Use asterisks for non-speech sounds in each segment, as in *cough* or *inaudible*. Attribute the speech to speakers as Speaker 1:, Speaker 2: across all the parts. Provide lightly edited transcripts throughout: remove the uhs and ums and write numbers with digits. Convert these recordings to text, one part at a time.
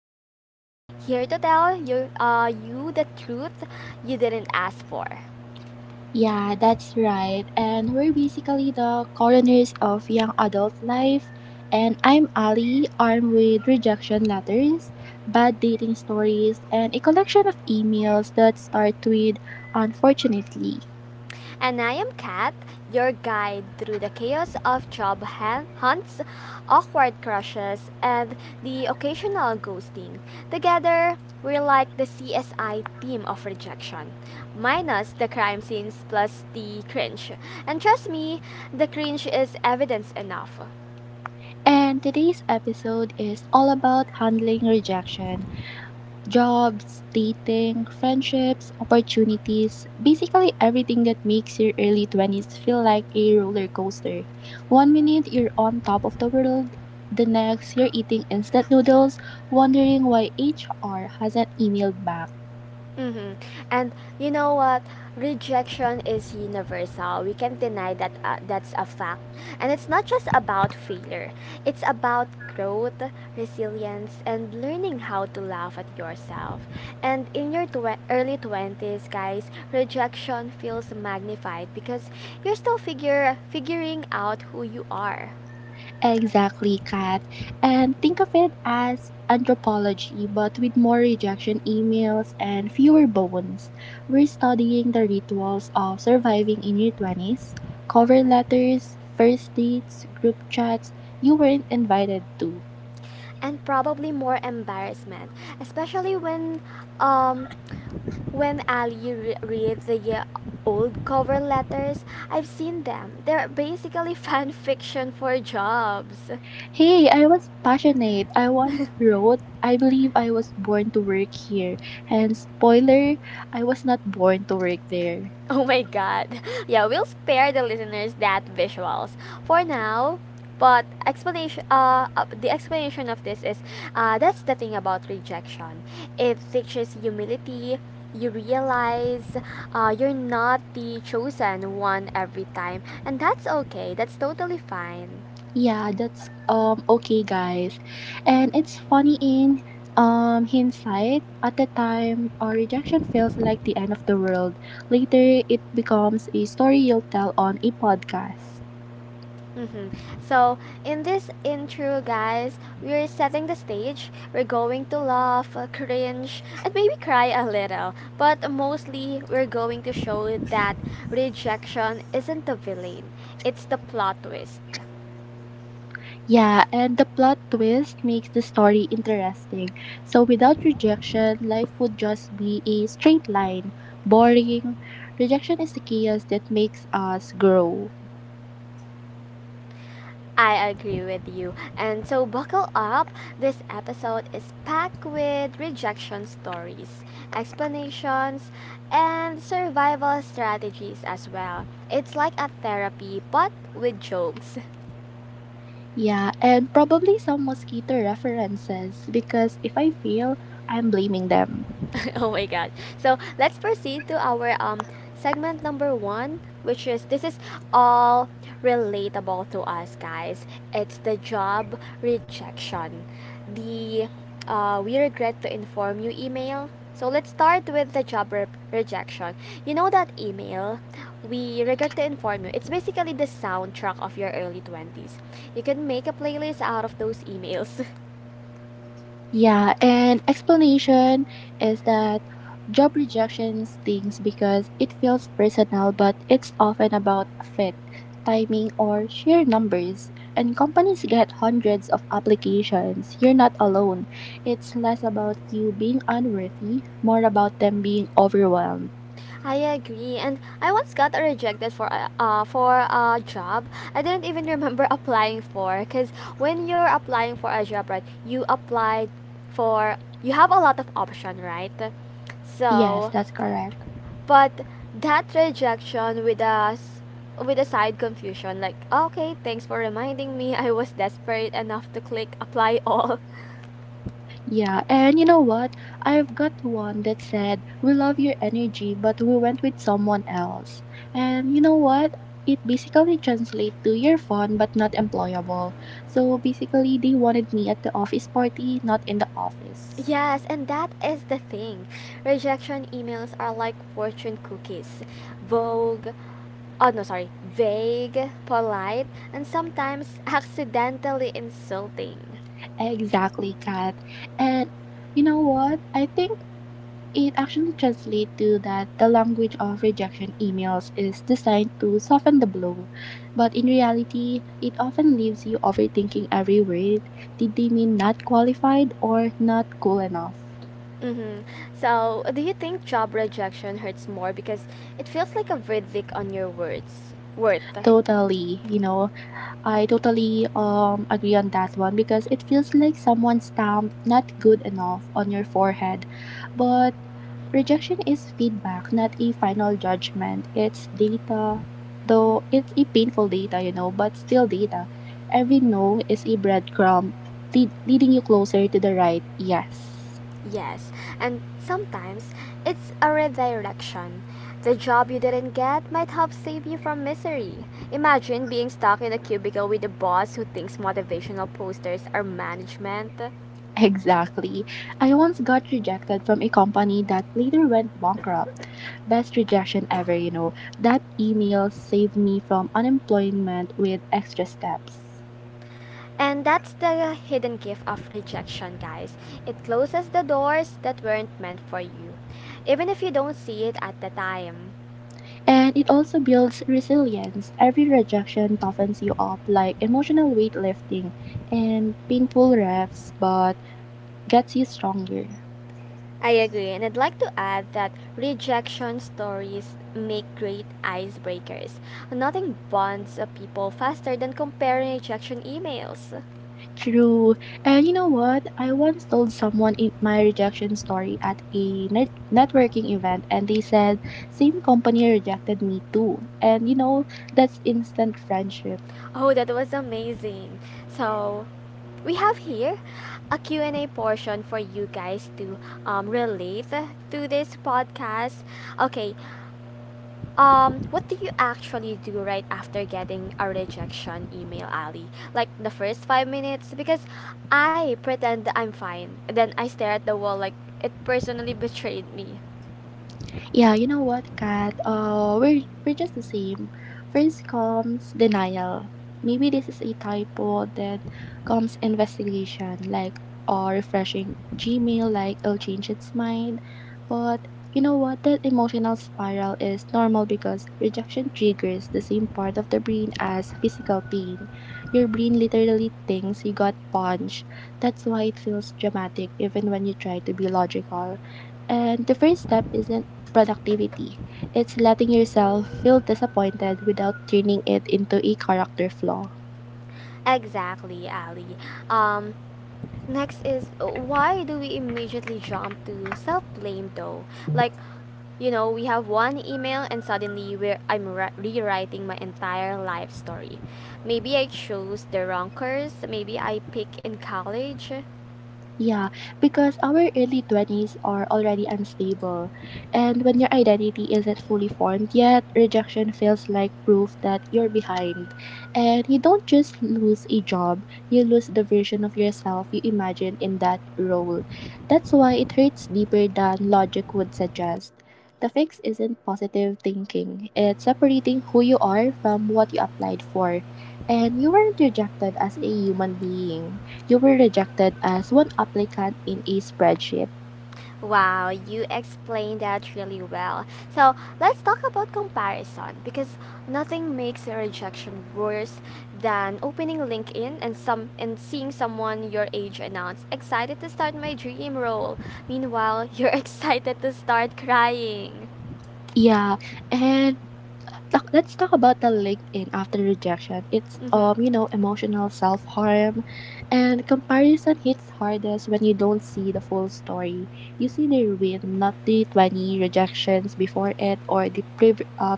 Speaker 1: siblings, here to tell you the truth you didn't ask for.
Speaker 2: Yeah, that's right. And we're basically the coroners of young adult life. And I'm Ali, armed with rejection letters, bad dating stories, and a collection of emails that start with unfortunately.
Speaker 1: And I am Kat, your guide through the chaos of hunts, awkward crushes, and the occasional ghosting. Together, we're like the CSI team of rejection, minus the crime scenes plus the cringe. And trust me, the cringe is evidence enough.
Speaker 2: And today's episode is all about handling rejection. Jobs, dating, friendships, opportunities, basically everything that makes your early 20s feel like a roller coaster. One minute you're on top of the world, the next you're eating instant noodles, wondering why HR hasn't emailed back.
Speaker 1: Mm-hmm. And you know what? Rejection is universal. We can't deny that that's a fact. And it's not just about failure, it's about growth, resilience, and learning how to laugh at yourself. And in your early 20s, guys, rejection feels magnified because you're still figure figuring out who you are.
Speaker 2: Exactly, Kat. And think of it as anthropology, but with more rejection emails and fewer bones. We're studying the rituals of surviving in your 20s, cover letters, first dates, group chats you weren't invited to.
Speaker 1: And probably more embarrassment, especially when um when Ali reads the old cover letters. I've seen them. They're basically *laughs* fan fiction for jobs.
Speaker 2: Hey, I was passionate. I once
Speaker 1: *laughs*
Speaker 2: wrote, "I believe I was born to work here." And spoiler, I was not born to work there.
Speaker 1: Oh my god. Yeah, we'll spare the listeners that visuals for now. But explanation, the explanation of this is, that's the thing about rejection. It teaches humility. You realize, you're not the chosen one every time, and that's okay. That's totally fine.
Speaker 2: Yeah, that's okay, guys. And it's funny in hindsight. At the time our rejection feels like the end of the world. Later it becomes a story you'll tell on a podcast.
Speaker 1: Mm-hmm. So in this intro, guys, we're setting the stage. We're going to laugh, cringe, and maybe cry a little. But mostly, we're going to show that rejection isn't the villain; it's the plot twist.
Speaker 2: Yeah, and the plot twist makes the story interesting. So without rejection, life would just be a straight line, boring. Rejection is the chaos that makes us grow.
Speaker 1: I agree with you. And so buckle up. This episode is packed with rejection stories, explanations, and survival strategies as well. It's like a therapy but with jokes.
Speaker 2: Yeah, and probably some mosquito references because if I fail, I'm blaming them.
Speaker 1: *laughs* Oh my god. So let's proceed to our segment number one, which is this is all relatable to us, guys. It's the job rejection. The We regret to inform you email. So let's start with the rejection. You know that email, we regret to inform you. It's basically the soundtrack of your early 20s. You can make a playlist out of those emails. *laughs*
Speaker 2: Yeah, and explanation is that job rejection stings because it feels personal, but it's often about fit, timing, or sheer numbers. And companies get hundreds of applications. You're not alone. It's less about you being unworthy, more about them being overwhelmed.
Speaker 1: I agree, and I once got rejected for a job I didn't even remember *laughs* applying for. Cause when you're applying for a job, right, you applied for you have a lot of option, right?
Speaker 2: Yes,
Speaker 1: So,
Speaker 2: that's correct.
Speaker 1: but that rejection with us with a side confusion, like okay, thanks for reminding me. I was desperate enough to click apply all. *laughs*
Speaker 2: Yeah, and you know what? I've got one that said, "We love your energy, but we went with someone else." And you know what? It basically translates to, "You're fun but not employable." So basically, they wanted me at the office party, not in the office.
Speaker 1: Yes, and that is the thing. Rejection emails are like fortune cookies. Vogue, oh no sorry Vague, polite, and sometimes *laughs* accidentally insulting.
Speaker 2: Exactly, Kat. And you know what? I think It actually translates to that the language of rejection emails is designed to soften the blow, but in reality, it often leaves you overthinking every word. Did they mean not qualified or not cool enough?
Speaker 1: Mm-hmm. So do you think job rejection hurts more because it feels like a verdict on your words worth?
Speaker 2: Totally, you know, I totally agree on that one because it feels like someone stamped "not good enough" on your forehead. But rejection is feedback, not a final judgment. It's data, though it's a painful data, you know, but still data. Every no is a breadcrumb leading you closer to the right yes.
Speaker 1: Yes, and sometimes it's a redirection. The job you didn't get might help save you from misery. Imagine being stuck in a cubicle with a boss who thinks motivational posters are management.
Speaker 2: Exactly. I once got rejected from a company that later went bankrupt. Best rejection ever, you know. That email saved me from unemployment with extra steps.
Speaker 1: And that's the hidden gift of rejection, guys. It closes the doors that weren't meant for you, even if you don't see it at the time.
Speaker 2: And it also builds resilience. Every rejection toughens you up, like emotional weightlifting and painful refs, but gets you stronger.
Speaker 1: I agree, and I'd like to add that rejection stories make great icebreakers. Nothing bonds people faster than comparing rejection emails.
Speaker 2: True. And you know what? I once told someone in my rejection story at a networking event, and they said, "Same company rejected me too." And you know, that's instant friendship.
Speaker 1: Oh, that was amazing. So, we have here a Q and a portion for you guys to relate to this podcast. Okay. What do you actually do right after getting a rejection email, Ali? Like the first 5 minutes? Because I pretend that I'm fine. And then I stare at the wall like it personally betrayed me.
Speaker 2: Yeah, you know what, Kat? We're just the same. First comes denial. Maybe this is a typo. Then comes investigation, like or refreshing Gmail, like it'll change its mind. But you know what? That emotional spiral is normal because rejection triggers the same part of the brain as physical pain. Your brain literally thinks you got punched. That's why it feels dramatic, even when you try to be logical, and the first step isn't productivity, it's letting yourself feel disappointed without turning it into a character flaw.
Speaker 1: Exactly, Ali. Um, next is why do we immediately jump to self blame though? Like, you know, we have one email and suddenly I'm rewriting my entire life story. Maybe I chose the wrong course. Maybe I picked in college.
Speaker 2: Yeah, because our early 20s are already unstable. And when your identity isn't fully formed yet, rejection feels like proof that you're behind. And you don't just lose a job, you lose the version of yourself you imagine in that role. That's why it hurts deeper than logic would suggest. The fix isn't positive thinking, it's separating who you are from what you applied for. And you weren't rejected as a human being, you were rejected as one applicant in a spreadsheet.
Speaker 1: Wow, you explained that really well. So let's talk about comparison because nothing makes a rejection worse than opening LinkedIn and seeing someone your age announce excited to start my dream role. Meanwhile, you're *laughs* excited to start crying.
Speaker 2: Yeah, and let's talk about the LinkedIn after rejection. It's
Speaker 1: Mm-hmm.
Speaker 2: you know, emotional self-harm, and comparison hits hardest when you don't see the full story. You see their win, not the 20 rejections before it or the pre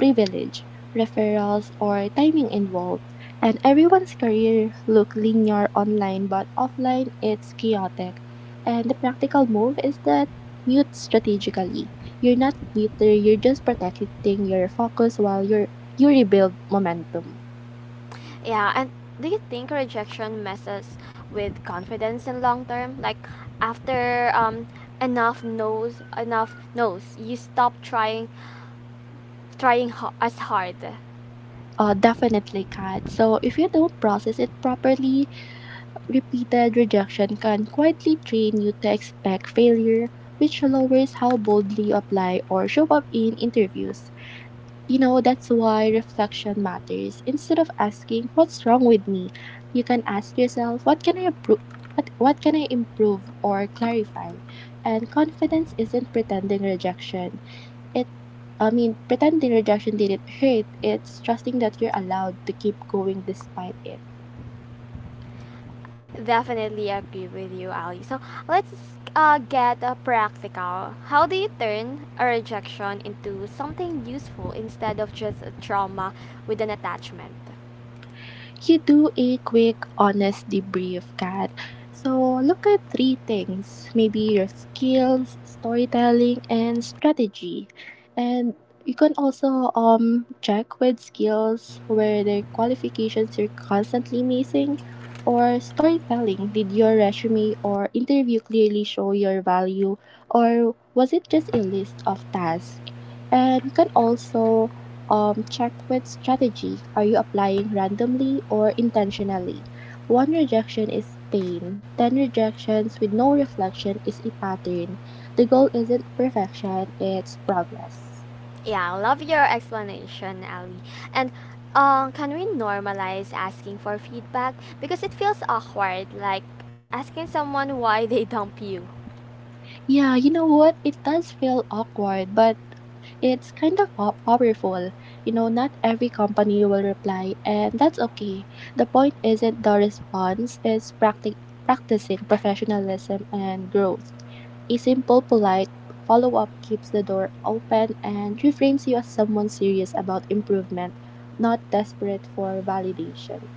Speaker 2: privilege, referrals, or timing involved, and everyone's career look linear online but offline it's chaotic. And the practical move is that mute strategically. You're not bitter, you're just protecting your focus while you rebuild momentum.
Speaker 1: Yeah, and do you think rejection messes with confidence in long term? Like after enough knows you stop trying as hard.
Speaker 2: Definitely, Kat. So if you don't process it properly, repeated rejection can quietly train you to expect failure, which lowers how boldly you apply or show up in interviews. You know, that's why reflection matters. Instead of asking what's wrong with me, you can ask yourself what can I improve or clarify? And confidence isn't pretending rejection. It Pretending rejection didn't hurt. It's trusting that you're allowed to keep going despite it.
Speaker 1: Definitely agree with you, Ali. So let's get practical. How do you turn a rejection into something useful instead of just a trauma with an attachment?
Speaker 2: You do a quick, honest debrief, Kat. So look at three things: maybe your skills, storytelling, and strategy. And you can also check with skills where the qualifications you're constantly missing or storytelling. Did your resume or interview clearly show your value, or was it just a list of tasks? And you can also check with strategy. Are you applying randomly or intentionally? One rejection is pain. 10 rejections with no reflection is a pattern. The goal isn't perfection, it's progress.
Speaker 1: Yeah, I love your explanation, Ali. And can we normalize asking for feedback? Because it feels awkward, like asking someone why they *laughs* dump you.
Speaker 2: Yeah, you know what? It does feel awkward, but it's kind of powerful. You know, not every company will reply, and that's okay. The point isn't the response, it's practicing professionalism and growth. A simple, polite follow up keeps the door open and reframes you as someone serious about improvement, not desperate for validation.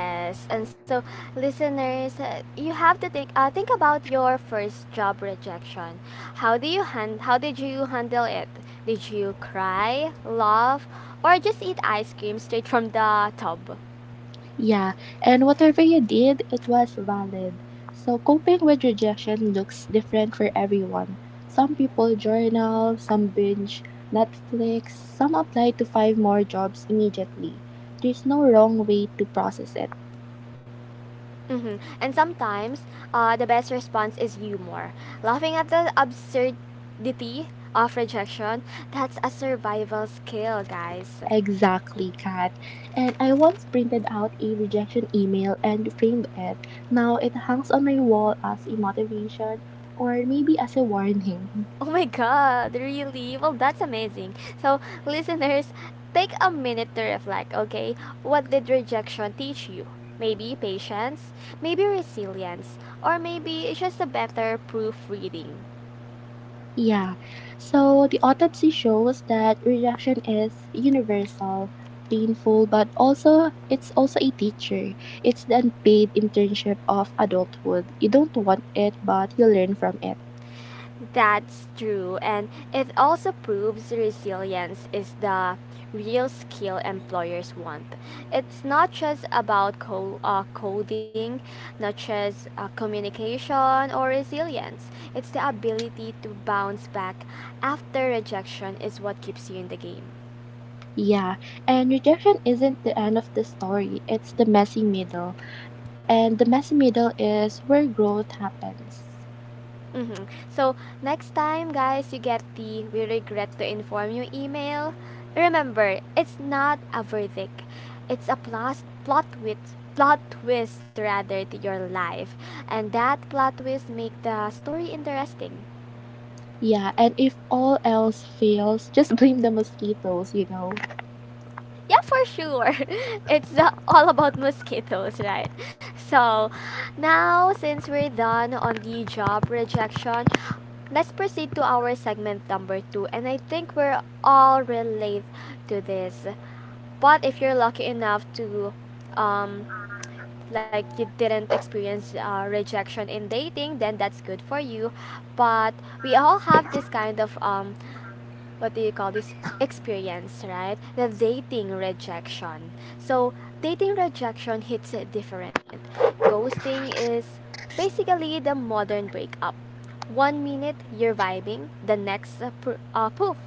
Speaker 1: Yes, and so listeners, you have to think about your first job rejection. How did you handle it? Did you cry, laugh, or just eat ice cream straight from the tub?
Speaker 2: Yeah, and whatever you did, it was valid. So, coping with rejection looks different for everyone. Some people journal, some binge Netflix, some apply to five more jobs immediately. There's no wrong way to process it.
Speaker 1: Mm-hmm. And sometimes, the best response is humor. Laughing at the absurdity of rejection. That's a survival skill, guys.
Speaker 2: Exactly, Kat. And I once printed out a rejection email and framed it. Now it hangs on my wall as a motivation, or maybe as a warning.
Speaker 1: Oh my god, really? Well, that's amazing. So, listeners, take a minute to reflect, okay? What did rejection teach you? Maybe patience, maybe resilience, or maybe it's just a better proofreading.
Speaker 2: Yeah. So the autopsy shows that rejection is universal, painful, but also it's also a teacher. It's the unpaid internship of adulthood. You don't want it, but you learn from it.
Speaker 1: That's true, and it also proves resilience is the real skill employers want. It's not just about coding, not just communication or resilience. It's the ability to bounce back after rejection is what keeps you in the game.
Speaker 2: Yeah. And rejection isn't the end of the story. It's the messy middle. And the messy middle is where growth happens.
Speaker 1: Mhm. So, next time, guys, you get the we regret to inform you email, remember, it's not a verdict. It's a plot twist rather to your life. And that plot twist make the story interesting.
Speaker 2: Yeah, and if all else fails, just *laughs* blame the mosquitoes, you know.
Speaker 1: Yeah, for sure. *laughs* It's all about mosquitoes, right? So, now since we're done on the job rejection, let's proceed to our segment number two. And I think we're all relate to this. But if you're lucky enough to, um, like you didn't experience rejection in dating, then that's good for you. But we all have this kind of what do you call this experience, right? The dating rejection. So, dating rejection hits it different. Ghosting is basically the modern breakup. One minute you're vibing, the next poof,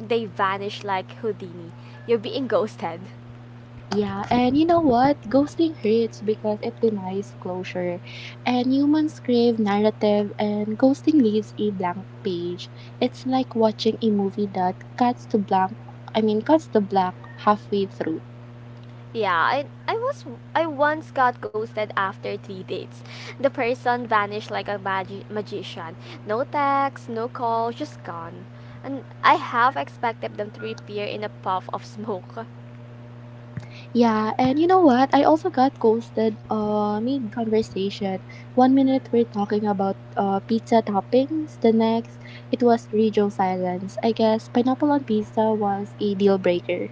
Speaker 1: they vanish like Houdini. You're being ghosted.
Speaker 2: Yeah, and you know what? Ghosting hurts because it denies closure. And humans crave narrative, and ghosting leaves a blank page. It's like watching a movie that cuts to blank, I mean, cuts to black halfway through.
Speaker 1: Yeah, I once got ghosted after three dates. The person vanished like a magician. No text, no call, just gone. And I half expected them to appear in a puff of *laughs* smoke.
Speaker 2: Yeah, and you know what? I also got ghosted mid conversation. One minute we're talking about pizza toppings, the next it was radio silence. I guess pineapple on pizza was a deal breaker.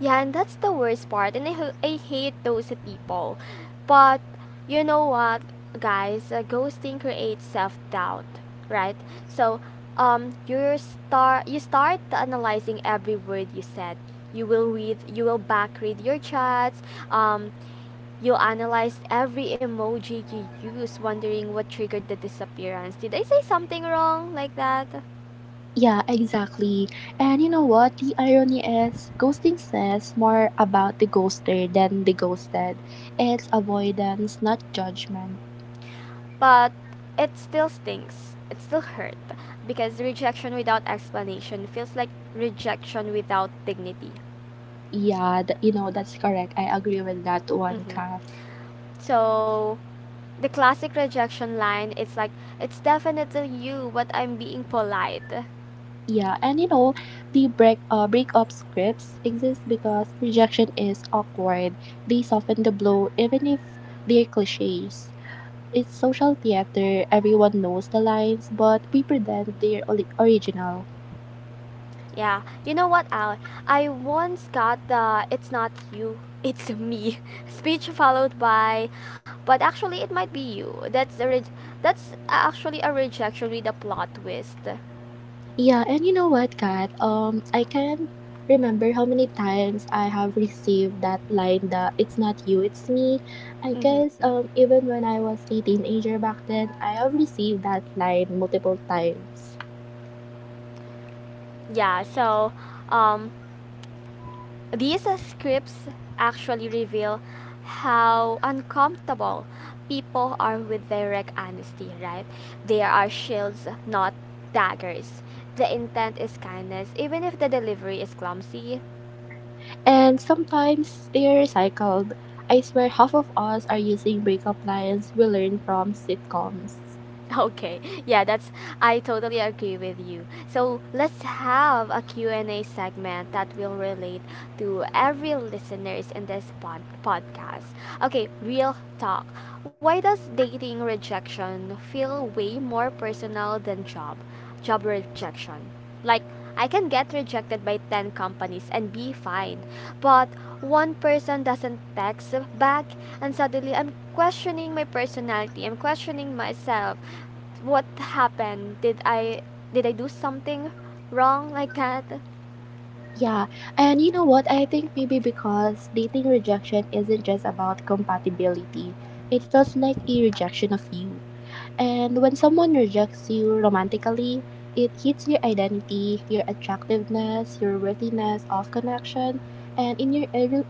Speaker 1: Yeah, and that's the worst part. I hate those people. But you know what, guys? Ghosting creates self doubt, right? So, you start analyzing every word you said. You will back read your chats. Um, you'll analyze every emoji you use, wondering what triggered the disappearance. Did I say something wrong like that?
Speaker 2: Yeah, exactly. And you know what? The irony is, ghosting says more about the ghoster than the ghosted. It's avoidance, not judgment.
Speaker 1: But it still stings. It still hurt because rejection without explanation feels like rejection without dignity.
Speaker 2: Yeah, you know, that's correct. I agree with that one,
Speaker 1: Hmm.
Speaker 2: Kat.
Speaker 1: So the classic rejection line, it's like it's definitely you but I'm being polite.
Speaker 2: Yeah, and you know, the breakup scripts exist because rejection is awkward. They soften the blow even if they're cliches. It's social theater, everyone knows the lines, but we pretend they're original.
Speaker 1: Yeah, you know what al I once got the it's not you it's me *laughs* speech followed by but actually it might be you. That's actually a rejection with a plot twist.
Speaker 2: Yeah, and you know what, Kat? I can't remember how many times I have received that line that it's not you, it's me. I
Speaker 1: Mm-hmm.
Speaker 2: guess even when I was a teenager back then, I have received that line multiple times.
Speaker 1: Yeah, so um, these scripts actually reveal how uncomfortable people are with direct honesty, right? They are shields, not daggers. The intent is kindness, even if the delivery is clumsy.
Speaker 2: And sometimes they're recycled. I swear half of us are using breakup lines we learn from sitcoms.
Speaker 1: *laughs* Okay. Yeah, that's I totally agree with you. So, let's have a Q and a segment that will relate to every listeners in this podcast. Okay, real talk. Why does dating rejection feel way more personal than job rejection? Like, I can get rejected by 10 companies and be fine. But one person doesn't text back, and suddenly I'm questioning my personality. I'm questioning myself. What happened? Did I do something wrong like that?
Speaker 2: Yeah, and you know what? I think maybe because dating rejection isn't just about compatibility. It feels like a rejection of you. And when someone rejects you romantically, it hits your identity, your attractiveness, your worthiness of connection. And in your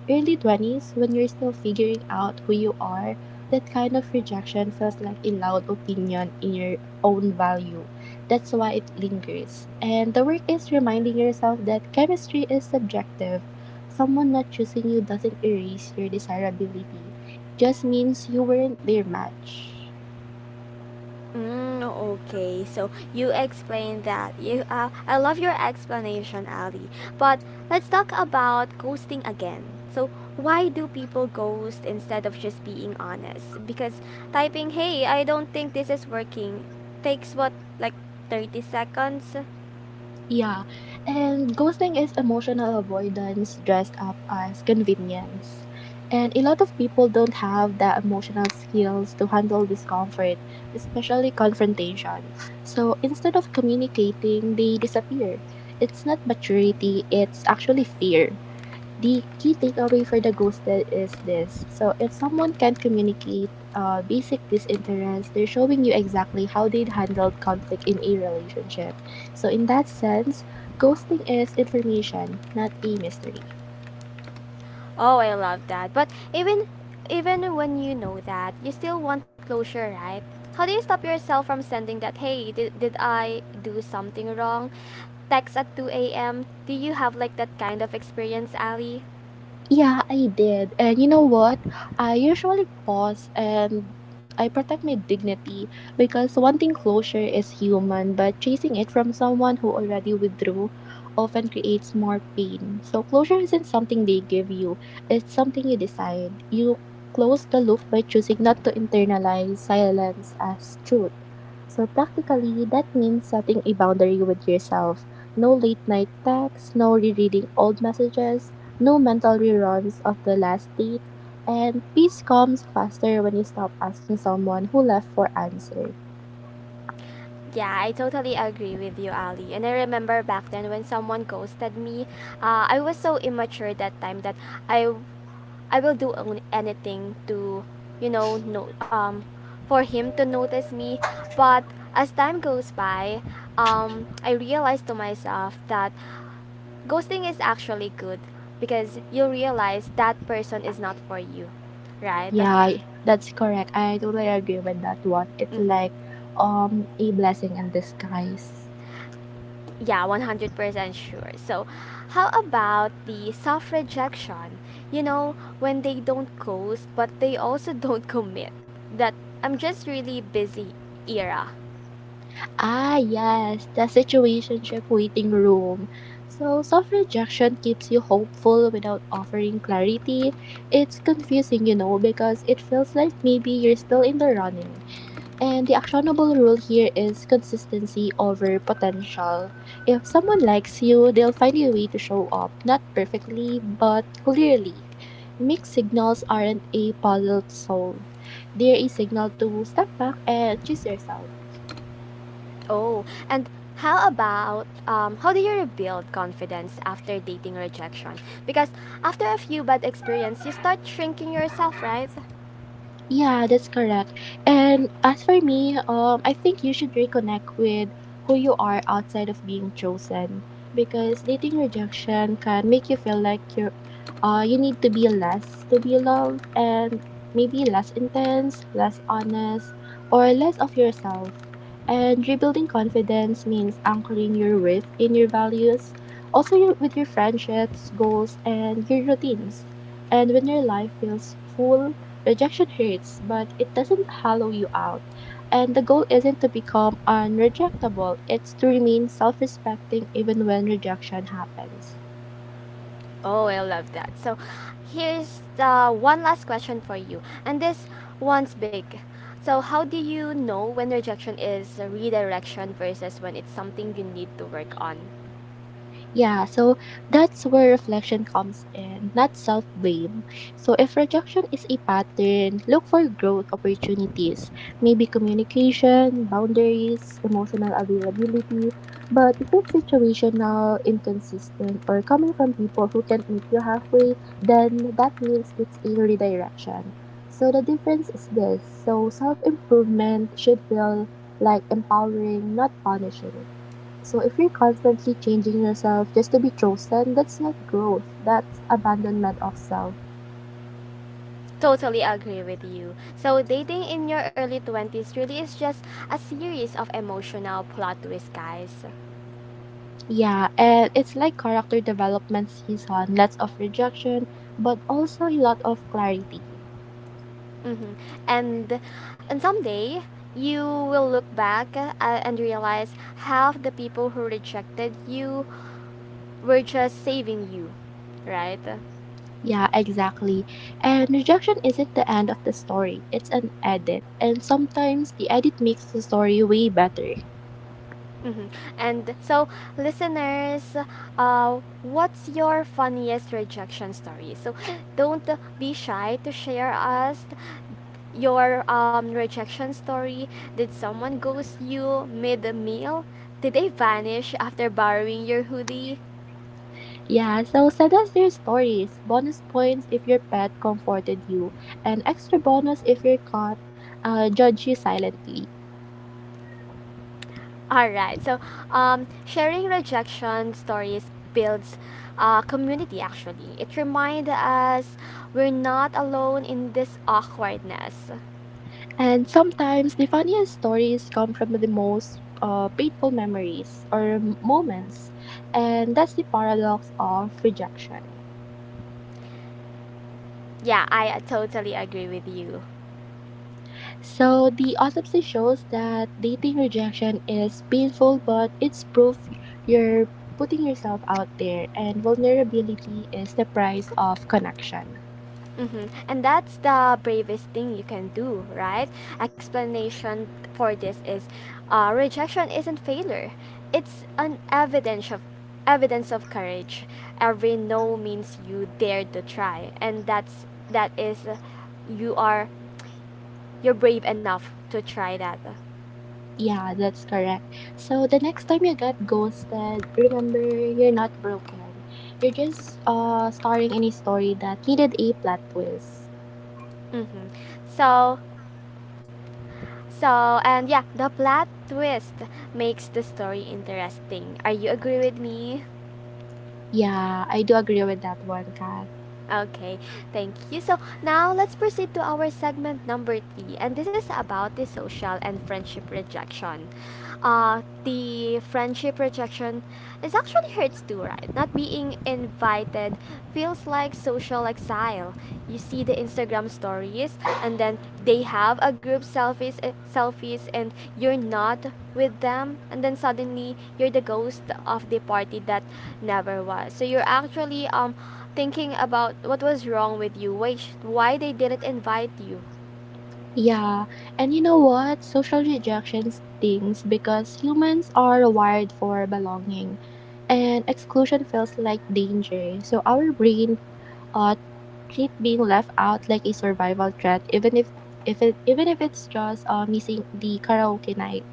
Speaker 2: early 20s, when you're still figuring out who you are, that kind of rejection feels like a loud opinion in your own value. That's why it lingers. And the work is reminding yourself that chemistry is subjective. Someone not choosing you doesn't erase your desirability, it just means you weren't their match.
Speaker 1: Mm, okay, so you explained that. I love your explanation, Ali. But let's talk about ghosting again. So, why do people ghost instead of just being honest? Because typing, "Hey, I don't think this is working," takes what, like 30 seconds?
Speaker 2: Yeah. And ghosting is emotional avoidance dressed up as convenience. And a lot of people don't have the emotional skills to handle discomfort, especially confrontation. So instead of communicating, they disappear. It's not maturity, it's actually fear. The key takeaway for the ghosted is this. So if someone can't communicate basic disinterest, they're showing you exactly how they'd handled conflict in a relationship. So in that sense, ghosting is information, not a mystery.
Speaker 1: Oh, I love that. But even when you know that, you still want closure, right? How do you stop yourself from sending that, "Hey, did I do something wrong?" text at 2 a.m.? Do you have like that kind of experience, Ali?
Speaker 2: Yeah, I did. And you know what? I usually pause and I protect my dignity because wanting closure is human, but chasing it from someone who already withdrew often creates more pain. So, closure isn't something they give you, it's something you decide. You close the loop by choosing not to internalize silence as truth. So, practically, that means setting a boundary with yourself. No late night texts, no rereading old messages, no mental reruns of the last date, and peace comes faster when you stop asking someone who left for answer.
Speaker 1: Yeah, I totally agree with you, Ali. And I remember back then when someone ghosted me, I was so immature that time that I I will do anything to, you know, no, for him to notice me. But as time goes by, I realized to myself that ghosting is actually good because you realize that person is not for you, right?
Speaker 2: Yeah, that's correct. I totally agree with that one. It's
Speaker 1: Mm-hmm.
Speaker 2: like a blessing in disguise.
Speaker 1: Yeah, 100% sure. So, how about the self rejection? You know, when they don't ghost, but they also *laughs* don't commit. That I'm just really busy era.
Speaker 2: Ah, yes, the situationship waiting room. So, soft rejection keeps you hopeful without offering clarity. It's confusing, you know, because it feels like maybe you're still in the running. And the actionable rule here is consistency over potential. If someone likes you, they'll find a way to show up, not perfectly, but clearly. Mixed signals aren't a puzzle to solve, they're a signal to step back and choose yourself.
Speaker 1: Oh, and how about how do you rebuild confidence after dating rejection? Because after a few bad experience, you start shrinking yourself, right?
Speaker 2: Yeah, that's correct. And as for me, I think you should reconnect with who you are outside of being chosen, because dating rejection can make you feel like you're, you need to be less to be loved, and maybe less intense, less honest, or less of yourself. And rebuilding confidence means anchoring your worth in your values, also your, with your friendships, goals, and your routines. And when your life feels full, rejection hurts, but it doesn't hollow you out. And the goal isn't to become unrejectable, it's to remain self respecting even when rejection happens.
Speaker 1: Oh, I love that. So, here's the one last question for you, and this one's big. So, how do you know when rejection is a redirection versus when it's something you need to work on?
Speaker 2: Yeah, so that's where reflection comes in, not self blame. So, if rejection is a pattern, look for growth opportunities, maybe communication, boundaries, emotional availability. But if it's situational, inconsistent, or coming from people who can't meet you halfway, then that means it's a redirection. So, the difference is this so, self improvement should feel like empowering, not punishing. So if you're constantly changing yourself just to be chosen, that's not growth. That's abandonment of self.
Speaker 1: Totally agree with you. So, dating in your early 20s really is just a series of emotional plot twists, guys.
Speaker 2: Yeah, and it's like character development season. Lots of rejection, but also a lot of clarity.
Speaker 1: Hmm. And and someday you will look back and realize half the people who rejected you were just saving you, right?
Speaker 2: Yeah, exactly. And rejection isn't the end of the story. It's an edit. And sometimes the edit makes the story way better.
Speaker 1: Hmm. And so, listeners, what's your funniest rejection story? So, don't be shy to share us your rejection story. Did someone ghost you mid meal? Did they vanish after borrowing your hoodie?
Speaker 2: Yeah, so send us your stories. Bonus points if your pet comforted you, and extra bonus if your cat judged you silently.
Speaker 1: All right. So, sharing rejection stories builds community actually. It reminds us we're not alone in this awkwardness.
Speaker 2: And sometimes the funniest stories come from the most painful memories or moments, and that's the paradox of rejection.
Speaker 1: Yeah, I totally agree with you.
Speaker 2: So, the autopsy shows that dating rejection is painful, but it's proof you're putting yourself out there, and vulnerability is the price of connection.
Speaker 1: Mm-hmm. And that's the bravest thing you can do, right? Explanation for this is rejection isn't failure. It's an evidence of courage. Every no means you dare to try, and that is you are you're brave enough to try that.
Speaker 2: Yeah, that's correct. So the next time you get ghosted, remember you're not broken. You're just starting any story that needed a plot twist.
Speaker 1: Mm-hmm. So, and yeah, the plot twist makes the story interesting. Are you agree with me?
Speaker 2: Yeah, I do agree with that one, Kat.
Speaker 1: Okay, thank you. So now let's proceed to our segment number three, and this is about the social and friendship rejection. Uh, the friendship rejection is actually hurts too, right? Not being invited feels like social exile. You see the Instagram stories, and then they have a group selfies, selfies, and you're not with them, and then suddenly you're the ghost of the party that never was. So you're actually thinking about what was wrong with you, why they didn't invite you.
Speaker 2: Yeah, and you know what? Social rejection stings because humans are wired for belonging, and exclusion feels like danger. So our brain uh treat being left out like a survival threat, even if it's just missing the karaoke night.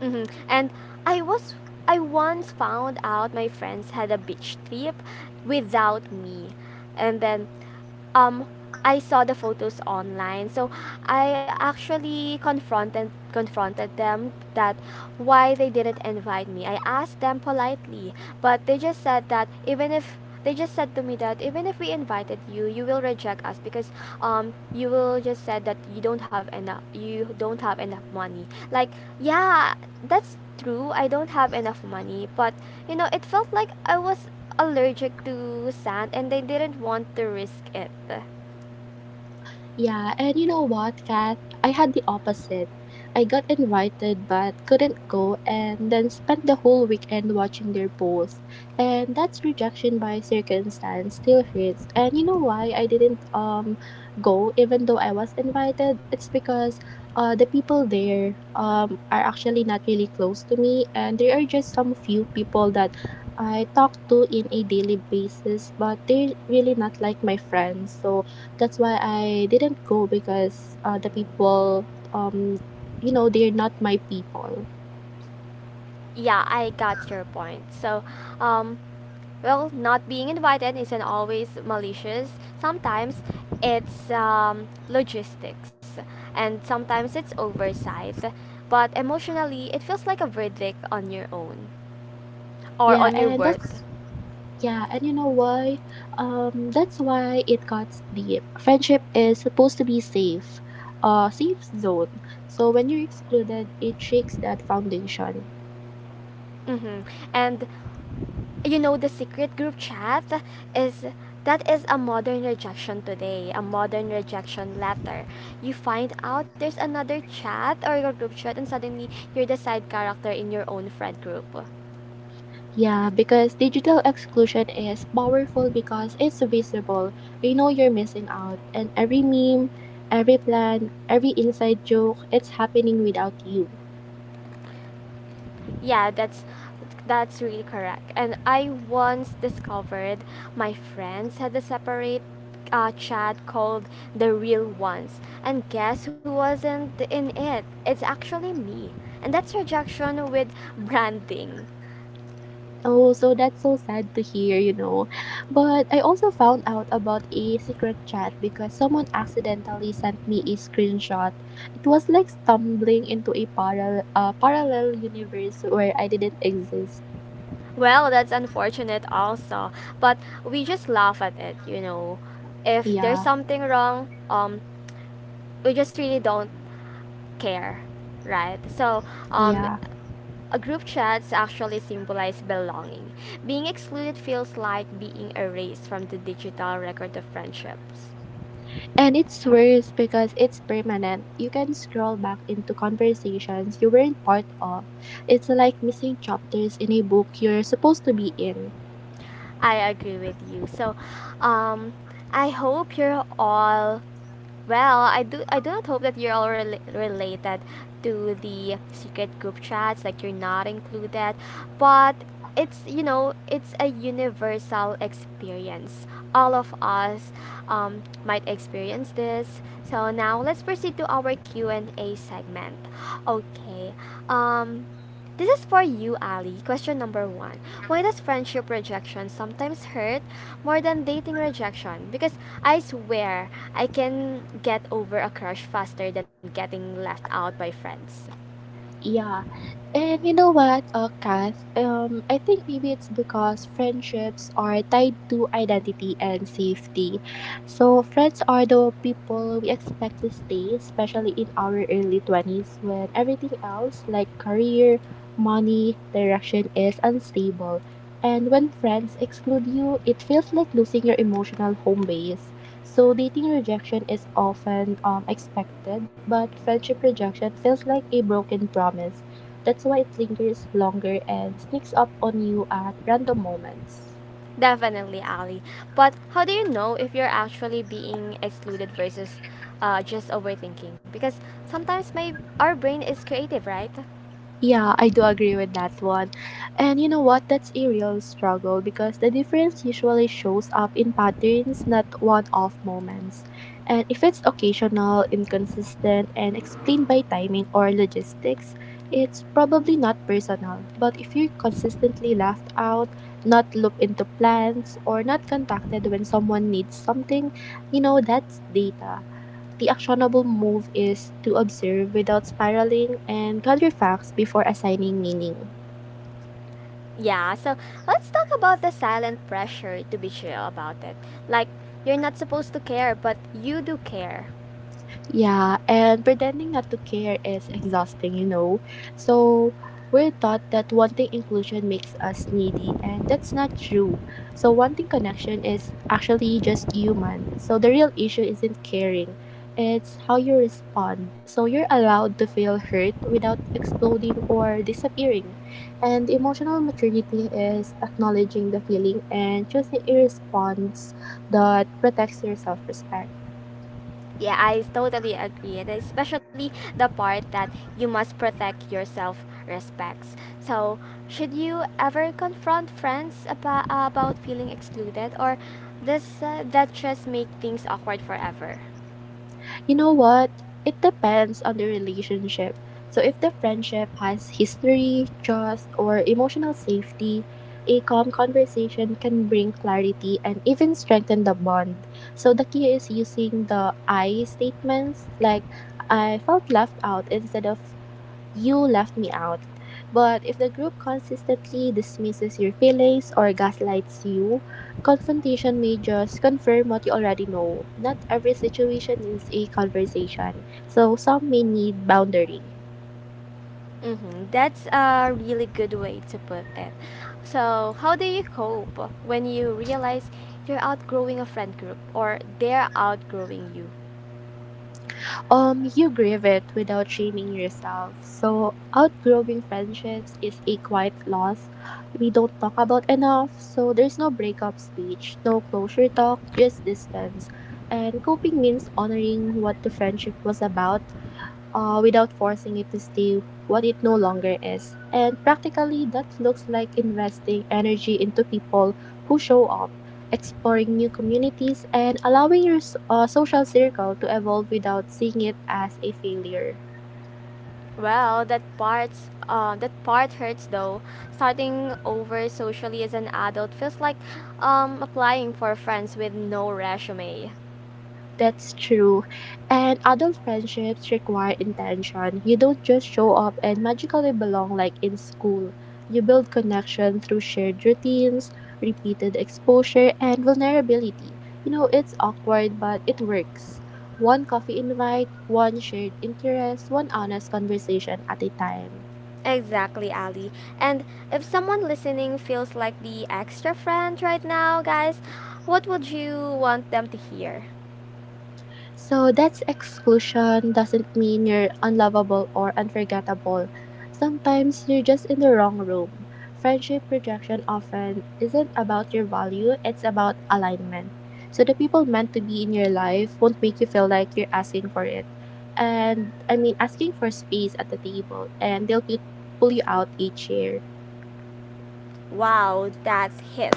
Speaker 1: Hmm. And i was I once found out my friends had a beach trip without me, and then um I saw the photos online. So I actually confronted them that why they didn't invite me. I asked them politely, but they just said that even if they just said to me that even if we invited you, you will reject us because you will just said that you don't have enough money. Like, yeah, that's true. I don't have enough money, but it felt like I was allergic to sand and they didn't want to risk it.
Speaker 2: Yeah, and you know what, Kath? I had the opposite. I got invited but couldn't go and then spent the whole weekend watching their posts. And that's rejection by circumstance still hits. And you know why I didn't go even though I was invited? It's because the people there are actually not really close to me and there are just some few people that I talk to in a daily basis, but they're really not like my friends. So that's why I didn't go because the people, um, you know, they're not my people.
Speaker 1: Yeah, I got your point. So, um, well, not being invited isn't always malicious. Sometimes it's logistics, and sometimes it's oversight. But emotionally, it feels like a verdict on your own or
Speaker 2: Yeah,
Speaker 1: on your
Speaker 2: and
Speaker 1: worth.
Speaker 2: that's yeah, and you know why? That's why it got deep. Friendship is supposed to be safe, safe zone. So when you're excluded, it shakes that foundation.
Speaker 1: Mm-hmm. And you know, the secret group chat is that is a modern rejection today, a modern rejection letter. You find out there's another chat or your group chat and suddenly you're the side character in your own friend group.
Speaker 2: Yeah, because digital exclusion is powerful because it's visible. You know you're missing out, and every meme, every plan, every inside joke, it's happening without you.
Speaker 1: Yeah, that's really correct. And I once discovered my friends had a separate chat called The Real Ones, and guess who wasn't in it? It's actually me. And that's rejection with branding.
Speaker 2: Oh, so that's so sad to hear, you know. But I also found out about a secret chat because someone accidentally sent me a screenshot. It was like stumbling into a parallel universe where I didn't exist.
Speaker 1: Well, that's unfortunate also, but we just laugh at it. If there's
Speaker 2: Yeah.
Speaker 1: something wrong, we just really don't care, right? So, um
Speaker 2: Yeah.
Speaker 1: a group chats actually symbolize belonging. Being excluded feels like being erased from the digital record of friendships.
Speaker 2: And it's worse because it's permanent. You can scroll back into conversations you weren't part of. It's like missing chapters in a book you're supposed to be in.
Speaker 1: I agree with you. So, um I hope you're all well, I do not hope that you're all related to the secret group chats, like you're not included, but it's you know it's a universal experience. All of us might experience this. So now let's proceed to our Q and A segment. Okay. Um, this is for you, Ali. Question number one. Why does friendship rejection sometimes hurt more than dating rejection? Because I swear I can get over a crush faster than getting left out by friends.
Speaker 2: Yeah. And you know what, Kath? I think maybe it's because friendships are tied to identity and safety. So, friends are the people we expect to stay, especially in our early 20s when everything else, like career, money, direction, is unstable. And when friends exclude you, it feels like losing your emotional home base. So, dating rejection is often expected, but friendship rejection feels like a broken promise, that's why it lingers longer and sneaks up on you at random moments.
Speaker 1: Definitely, Ali. But how do you know if you're actually being excluded versus just overthinking? Because sometimes my our brain is creative, right?
Speaker 2: Yeah, I do agree with that one. And you know what? That's a real struggle because the difference usually shows up in patterns, not one off moments. And if it's occasional, inconsistent, and explained by timing or logistics, it's probably not personal. But if you're consistently left out, not looped into plans, or not contacted when someone needs something, you know, that's data. The actionable move is to observe without spiraling and gather facts before assigning meaning.
Speaker 1: Yeah, so let's talk about the silent pressure to be chill about it. Like, you're not supposed to care, but you do care.
Speaker 2: Yeah, and pretending not to care is exhausting, you know. So we're taught that wanting inclusion makes us needy, and that's not true. So wanting connection is actually just human. So the real issue isn't caring, it's how you respond. So you're allowed to feel hurt without exploding or disappearing. And emotional maturity is acknowledging the feeling and choosing a response that protects your self respect.
Speaker 1: Yeah, I totally agree. And especially the part that you must protect yourself respects. So, should you ever confront friends about feeling excluded, or does that just make things awkward forever?
Speaker 2: You know what? It depends on the relationship. So, if the friendship has history, trust, or emotional safety, a calm conversation can bring clarity and even strengthen the bond. So, the key is using the I statements like I felt left out instead of you left me out. But if the group consistently dismisses your feelings or gaslights you, confrontation may just confirm what you already know. Not every situation is a conversation, so some may need boundary.
Speaker 1: Mm-hmm. That's a really good way to put it. So, how do you cope when you realize you're outgrowing a friend group or they're outgrowing you?
Speaker 2: You grieve it without shaming yourself. So, outgrowing friendships is a quiet loss we don't talk about enough. So, there's no breakup speech, no closure talk, just distance. And coping means honoring what the friendship was about without forcing it to stay what it no longer is. And practically, that looks like investing energy into people who show up, exploring new communities, and allowing your social circle to evolve without seeing it as a failure.
Speaker 1: Well, that part hurts though. Starting over socially as an adult feels like applying for friends with no resume.
Speaker 2: That's true. And adult friendships require intention. You don't just show up and magically belong like in school. You build connection through shared routines, repeated exposure, and vulnerability. You know, it's awkward, but it works. One coffee invite, one shared interest, one honest conversation at a time.
Speaker 1: Exactly, Ali. And if someone listening feels like the extra friend right now, guys, what would you want them to hear?
Speaker 2: So that's exclusion doesn't mean you're unlovable or unforgettable. Sometimes you're just in the wrong room. Friendship rejection often isn't about your value, it's about alignment. So the people meant to be in your life won't make you feel like you're asking for it. And I mean, asking for space at the table, and they'll pull you out each year.
Speaker 1: Wow, that's hit.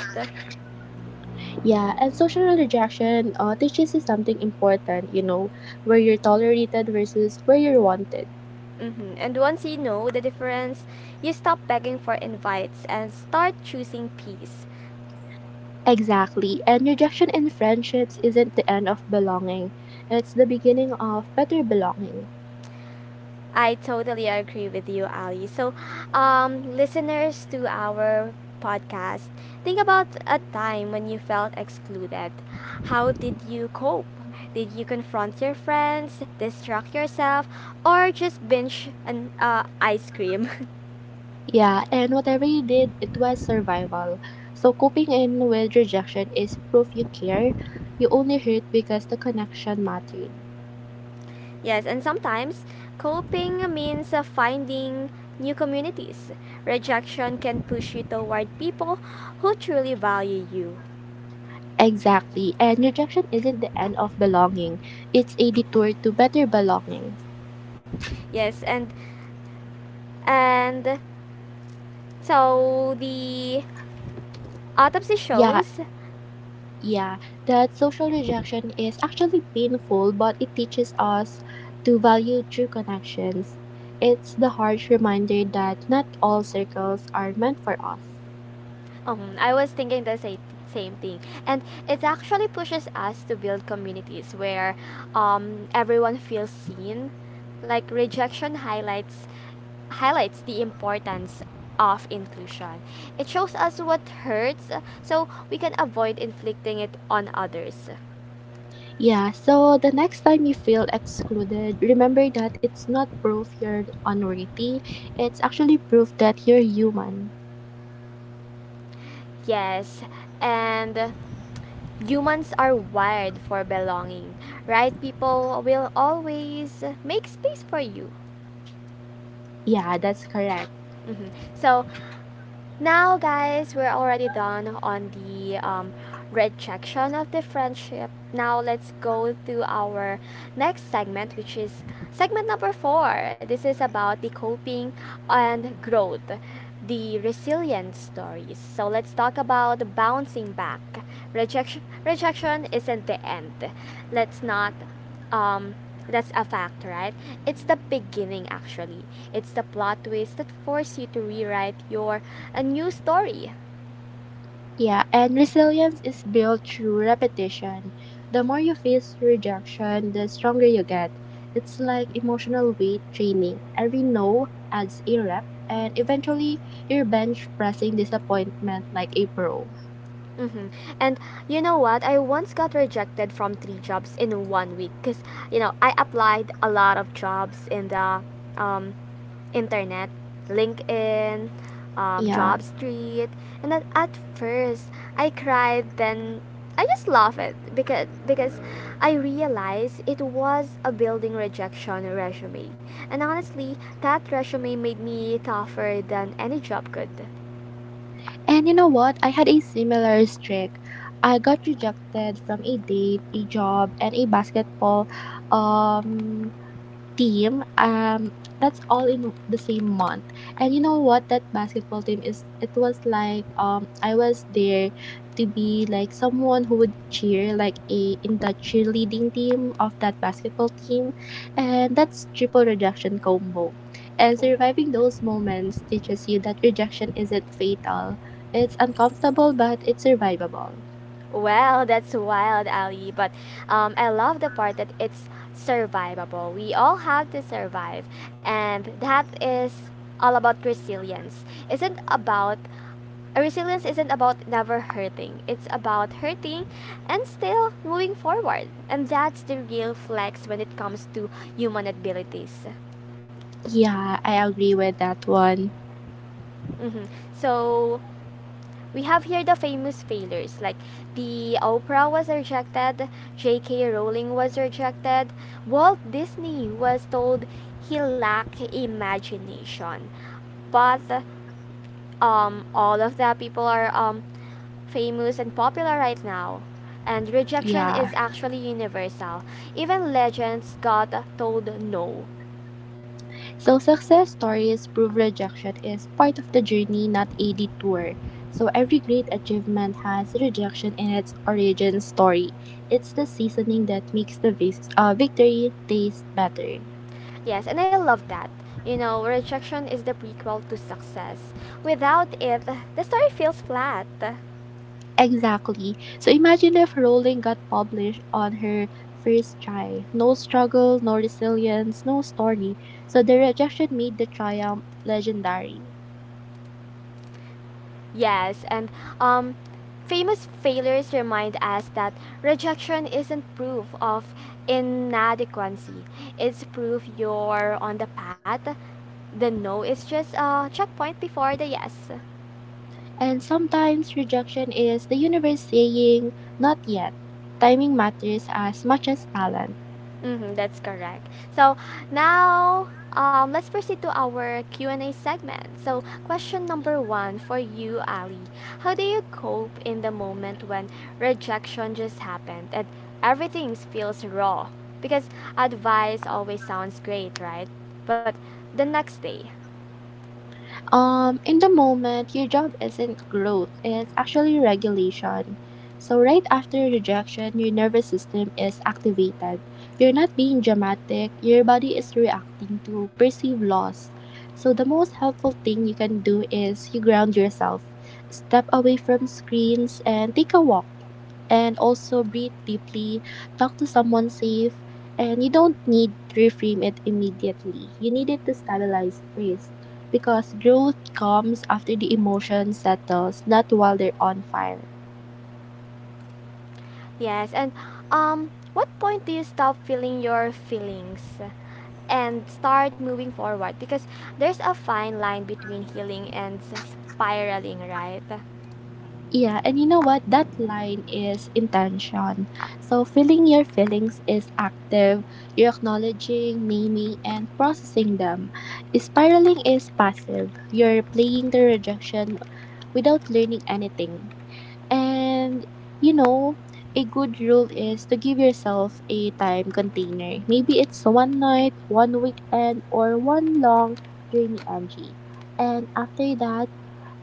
Speaker 2: Yeah, and social rejection teaches you something important, you know, where you're tolerated versus where you're wanted.
Speaker 1: Hmm. And once you know the difference, you stop begging for invites and start choosing peace.
Speaker 2: Exactly. And rejection in friendships isn't the end of belonging, it's the beginning of better belonging.
Speaker 1: I totally agree with you, Ali. So, listeners to our podcast, think about a time when you felt excluded. How did you cope? Did you confront your friends, distract yourself, or just binge an ice cream? *laughs*
Speaker 2: Yeah, and whatever you did, it was survival. So coping in with rejection is proof you care. You only hurt because the connection mattered.
Speaker 1: Yes, and sometimes coping means finding new communities. Rejection can push you toward people who truly value you.
Speaker 2: Exactly. And rejection isn't the end of belonging, it's a detour to better belonging.
Speaker 1: Yes, and so the autopsy
Speaker 2: Yeah,
Speaker 1: shows.
Speaker 2: Yeah, that social rejection is actually painful, but it teaches us to value true connections. It's the harsh reminder that not all circles are meant for us.
Speaker 1: I was thinking the same thing, and it actually pushes us to build communities where everyone feels seen. Like rejection highlights the importance of inclusion. It shows us what hurts, so we can avoid inflicting it on others.
Speaker 2: Yeah, so the next time you feel excluded, remember that it's not proof you're unworthy, it's actually proof that you're human.
Speaker 1: Yes, and humans are wired for belonging. Right people will always make space for you.
Speaker 2: Yeah, that's correct.
Speaker 1: Mhm. So now, guys, we're already done on the rejection of the friendship. Now, let's go to our next segment, which is segment number four. This is about the coping and growth, the resilience stories. So, let's talk about bouncing back. Rejection isn't the end. Let's not um that's a fact, right? It's the beginning actually. It's the plot twist that force you to rewrite your a new story.
Speaker 2: Yeah, and resilience is built through repetition. The more you face rejection, the stronger you get. It's like emotional weight training. Every no adds a rep, and eventually you're bench pressing disappointment like a pro.
Speaker 1: Hmm. And you know what, I once got rejected from three jobs in one week, because I applied a lot of jobs in the um internet, LinkedIn,
Speaker 2: Yeah,
Speaker 1: Job Street, and at first I cried. Then I just laughed it because I realized it was a building rejection resume, and honestly, that resume made me tougher than any job could.
Speaker 2: and you know what? I had a similar streak. I got rejected from a date, a job, and a basketball um team, that's all in the same month. And you know what that basketball team is? It was like, I was there to be like someone who would cheer like a in the cheerleading team of that basketball team. And that's triple rejection combo, and surviving those moments teaches you that rejection isn't fatal, it's uncomfortable but it's survivable.
Speaker 1: Well, that's wild, Ali. But I love the part that it's survivable. We all have to survive, and that is all about resilience. Isn't about Resilience isn't about never hurting, it's about hurting and still moving forward. And that's the real flex when it comes to human abilities.
Speaker 2: Yeah, I agree with that one.
Speaker 1: Mhm. So, we have here the famous failures like the Oprah was rejected, J.K. Rowling was rejected, Walt Disney was told he lacked imagination. But all of the people are famous and popular right now. And rejection
Speaker 2: Yeah,
Speaker 1: is actually universal. Even legends got told no.
Speaker 2: so success stories prove rejection is part of the journey, not a detour. So every great achievement has rejection in its origin story. It's the seasoning that makes the victory taste better.
Speaker 1: Yes, and I love that. You know, rejection is the prequel to success. Without it, the story feels flat.
Speaker 2: Exactly. So imagine if Rowling got published on her first try. No struggle, no resilience, no story. So the rejection made the triumph legendary.
Speaker 1: Yes, and um, famous failures remind us that rejection isn't proof of inadequacy. It's proof you're on the path. The no is just a checkpoint before the yes.
Speaker 2: And sometimes rejection is the universe saying, not yet. Timing matters as much as talent.
Speaker 1: Mm-hmm, that's correct. So now let's proceed to our Q and A segment. So question number one for you, Ali: how do you cope in the moment when rejection just happened and everything feels raw? Because advice always sounds great, right? But the next day,
Speaker 2: In the moment your job isn't growth, it's actually regulation. So right after rejection your nervous system is activated. You're not being dramatic, your body is reacting to perceived loss. So the most helpful thing you can do is you ground yourself, step away from screens and take a walk, and also breathe deeply, talk to someone safe. And you don't need to reframe it immediately, you need it to stabilize first, because growth comes after the emotion settles, not while they're on fire.
Speaker 1: yes, and what point do you stop feeling your feelings and start moving forward? Because there's a fine line between healing and spiraling, right?
Speaker 2: Yeah, and you know what? That line is intention. So, feeling your feelings is active. You're acknowledging, naming, and processing them. Spiraling is passive. You're playing the rejection without learning anything. And you know, a good rule is to give yourself a time container. Maybe it's one night, one weekend, or one long journey NG. And after that,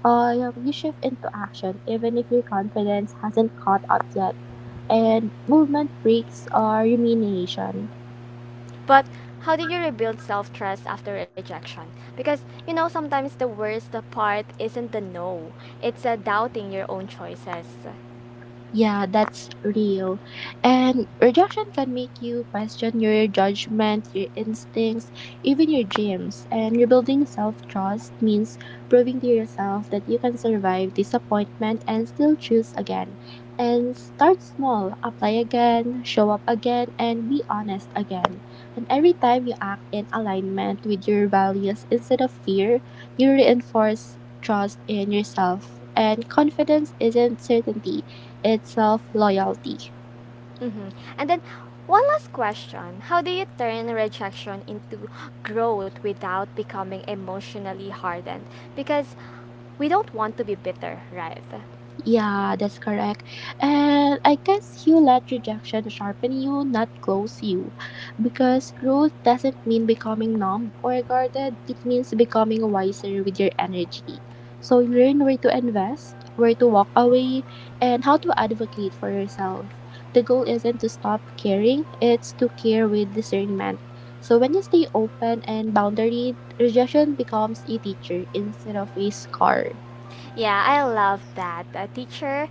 Speaker 2: you shift into action, even if your confidence hasn't caught up yet. And movement breaks are rumination.
Speaker 1: But how do you rebuild self trust after rejection? Because sometimes the worst part isn't the no, it's doubting your own choices.
Speaker 2: Yeah, that's real. And rejection can make you question your judgment, your instincts, even your dreams. And rebuilding self trust means proving to yourself that you can survive disappointment and still choose again. And start small, apply again, show up again, and be honest again. And every time you act in alignment with your values instead of fear, you reinforce trust in yourself. And confidence isn't certainty, it's self loyalty.
Speaker 1: Mm-hmm. And then one last question. How do you turn rejection into growth without becoming emotionally hardened? Because we don't want to be bitter, right?
Speaker 2: Yeah, that's correct. And I guess you let rejection sharpen you, not close you. Because growth doesn't mean becoming numb or guarded, it means becoming wiser with your energy. So learn where to invest, where to walk away, and how to advocate for yourself. The goal isn't to stop caring, it's to care with discernment. So when you stay open and boundary, rejection becomes a teacher instead of a scar.
Speaker 1: Yeah, I love that. A teacher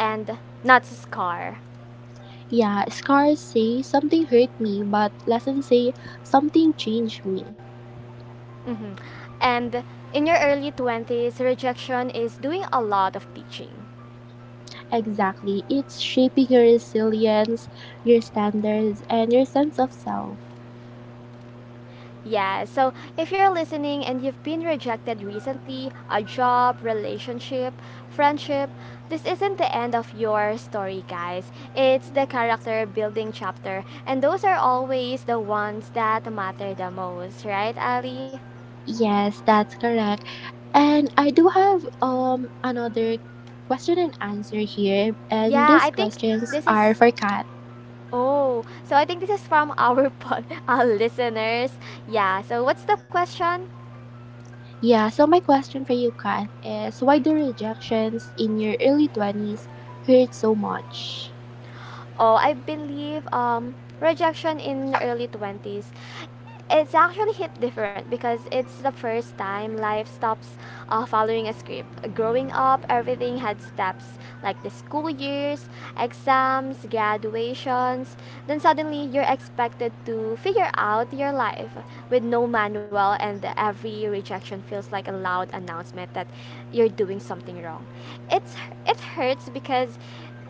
Speaker 1: and not a scar.
Speaker 2: Yeah, scars say something hurt me, but lessons say something changed me.
Speaker 1: Mm-hmm. And in your early 20s, rejection is doing a lot of teaching.
Speaker 2: Exactly. It's shaping your resilience, your standards, and your sense of self.
Speaker 1: Yeah, so if you're listening and you've been rejected recently, a job, relationship, friendship, this isn't the end of your story, guys. It's the character building chapter, and those are always the ones that matter the most, right, Ali?
Speaker 2: Yes, that's correct. And I do have another question and answer here, and
Speaker 1: Yeah,
Speaker 2: these
Speaker 1: I think
Speaker 2: questions
Speaker 1: this is
Speaker 2: are for Kat.
Speaker 1: oh, so I think this is from our pod, *laughs* our listeners. Yeah, so what's the question?
Speaker 2: Yeah, so my question for you, Kat, is why do rejections in your early 20s hurt so much?
Speaker 1: Oh, I believe rejection in early 20s. It's actually hit different because it's the first time life stops following a script. Growing up, everything had steps like the school years, exams, graduations. Then suddenly, you're expected to figure out your life with no manual, and every rejection feels like a loud announcement that you're doing something wrong. It's it hurts because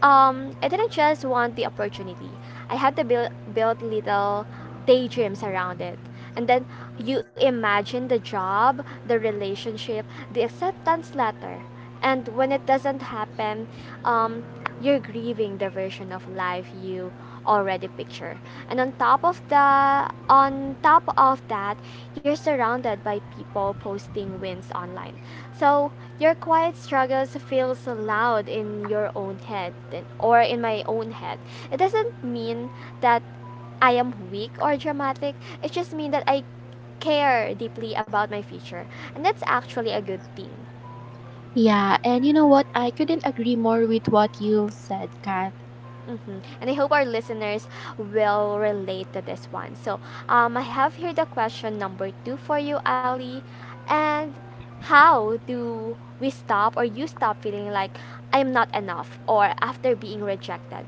Speaker 1: I didn't just want the opportunity. I had to build little daydreams around it. And then you imagine the job, the relationship, the acceptance letter. And when it doesn't happen, um, you're grieving the version of life you already picture. And on top of that, you're surrounded by people posting wins online. So your quiet struggles feels loud in your own head or in my own head. It doesn't mean that I am weak or dramatic. It just means that I care deeply about my future. And that's actually a good thing.
Speaker 2: Yeah, and you know what? I couldn't agree more with what you've said, Kat.
Speaker 1: Mm-hmm. And I hope our listeners will relate to this one. So, I have here the question number two for you, Ali. And how do we stop or you stop feeling like I'm not enough or after being rejected?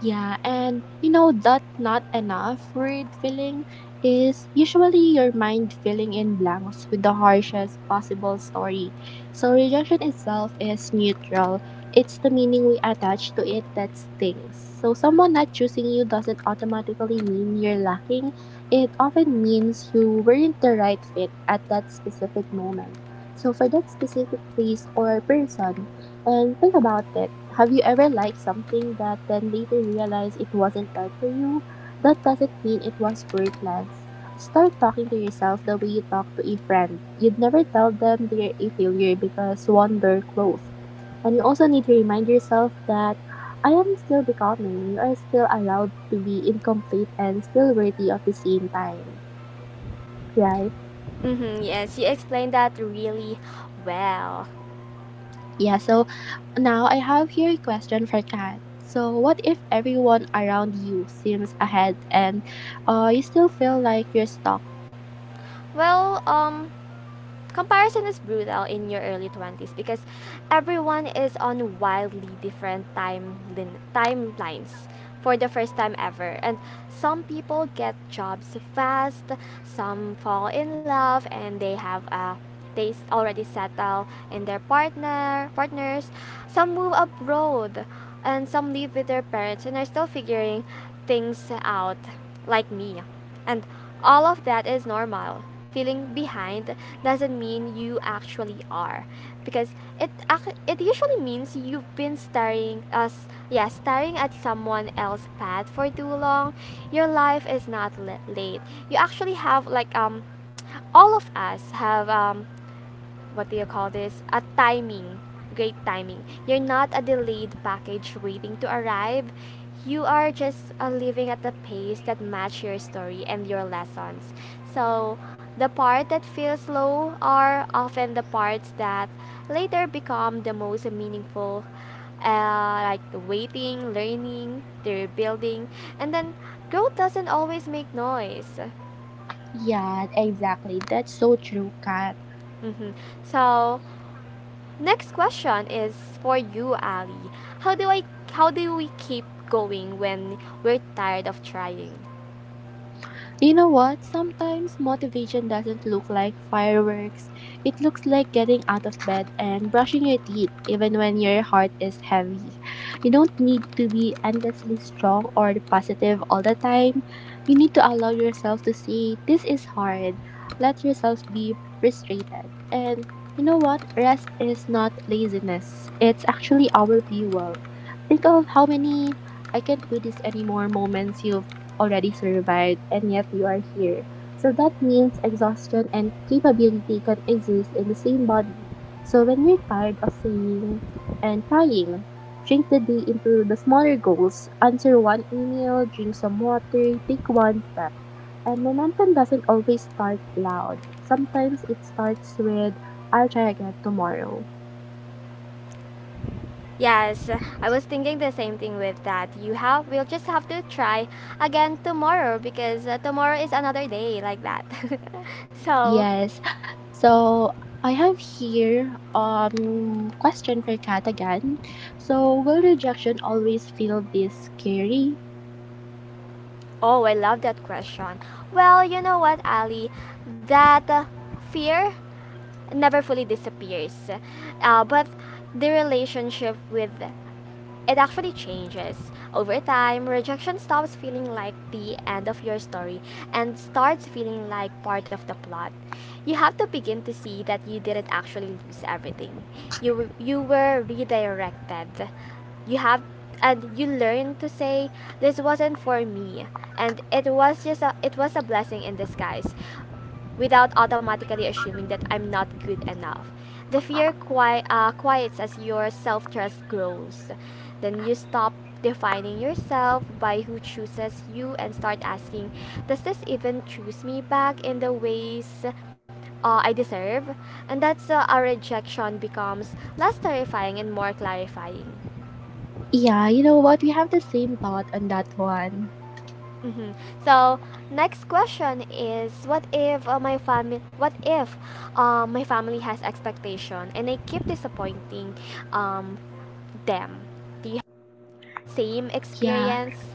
Speaker 2: Yeah, and you know that not enough word filling is usually your mind filling in blanks with the harshest possible story. So rejection itself is neutral. It's the meaning we attach to it that stings. So someone not choosing you doesn't automatically mean you're lacking. It often means you weren't the right fit at that specific moment. So for that specific place or person, and think about it. Have you ever liked something that then later realized it wasn't right for you? That doesn't mean it was worthless. Start talking to yourself the way you talk to a friend. You'd never tell them they're a failure because one door closed. And you also need to remind yourself that I am still becoming. You are still allowed to be incomplete and still worthy of the same time, right?
Speaker 1: Mm-hmm. Yes, you explained that really well.
Speaker 2: Yeah, so now I have here a question for Kat. So, what if everyone around you seems ahead and you still feel like you're stuck?
Speaker 1: Well, comparison is brutal in your early 20s because everyone is on wildly different timelines for the first time ever, and some people get jobs fast, some fall in love and they have a already settle in their partners, some move abroad, and some live with their parents and are still figuring things out like me. And all of that is normal. Feeling behind doesn't mean you actually are, because it usually means you've been staring us yeah, staring at someone else's path for too long. Your life is not late. You actually have all of us have what do you call this? A timing, great timing. You're not a delayed package waiting to arrive. You are just living at the pace that match your story and your lessons. So the part that feels slow are often the parts that later become the most meaningful, like the waiting, learning, the rebuilding. And then growth doesn't always make noise.
Speaker 2: Yeah, exactly. That's so true, Kat.
Speaker 1: Mhm. So next question is for you, Ali. How do I how do we keep going when we're tired of trying?
Speaker 2: You know what? Sometimes motivation doesn't look like fireworks. It looks like getting out of bed and brushing your teeth, even when your heart is heavy. You don't need to be endlessly strong or positive all the time. You need to allow yourself to say, this is hard. Let yourself be frustrated. And you know what? Rest is not laziness, it's actually our fuel. Think of how many I can't do this anymore moments you've already survived, and yet you are here. So that means exhaustion and capability can exist in the same body. So when you're tired of saying and trying, shrink the day into the smaller goals, answer one email, drink some water, take one step. And momentum doesn't always start loud. Sometimes it starts with, I'll try again tomorrow.
Speaker 1: Yes, I was thinking the same thing with that. You have We'll just have to try again tomorrow because tomorrow is another day like that. *laughs* So,
Speaker 2: Yes, so I have here question for Kat again. So will rejection always feel this scary?
Speaker 1: oh, I love that question. Well, you know what, Ali? That fear never fully disappears. But the relationship with it actually changes. Over time, rejection stops feeling like the end of your story and starts feeling like part of the plot. You have to begin to see that you didn't actually lose everything. You were redirected. You have And you learn to say this wasn't for me and it was a blessing in disguise, without automatically assuming that I'm not good enough. The fear quiets as your self trust grows. Then you stop defining yourself by who chooses you and start asking, does this even choose me back in the ways I deserve? And that's our rejection becomes less terrifying and more clarifying.
Speaker 2: Yeah, you know what? We have the same thought on that one.
Speaker 1: Hmm. So next question is, what if my family, what if my family has expectation and I keep disappointing um, them? Do you have same
Speaker 2: Yeah.
Speaker 1: experience?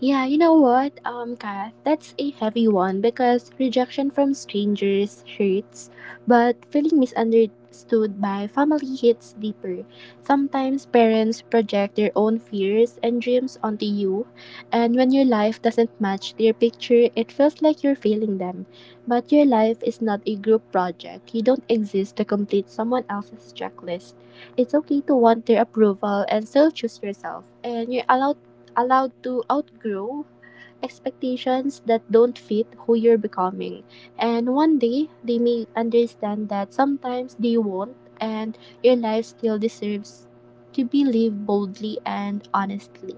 Speaker 2: Yeah, you know what, Kath, that's a heavy one because rejection from strangers hurts, but feeling misunderstood by family hits deeper. Sometimes parents project their own fears and dreams onto you, and when your life doesn't match their picture, it feels like you're failing them. But your life is not a group project. You don't exist to complete someone else's checklist. It's okay to want their approval and still choose yourself, and you're allowed to outgrow expectations that don't fit who you're becoming. And one day, they may understand that sometimes they won't, and your life still deserves to be lived boldly and honestly.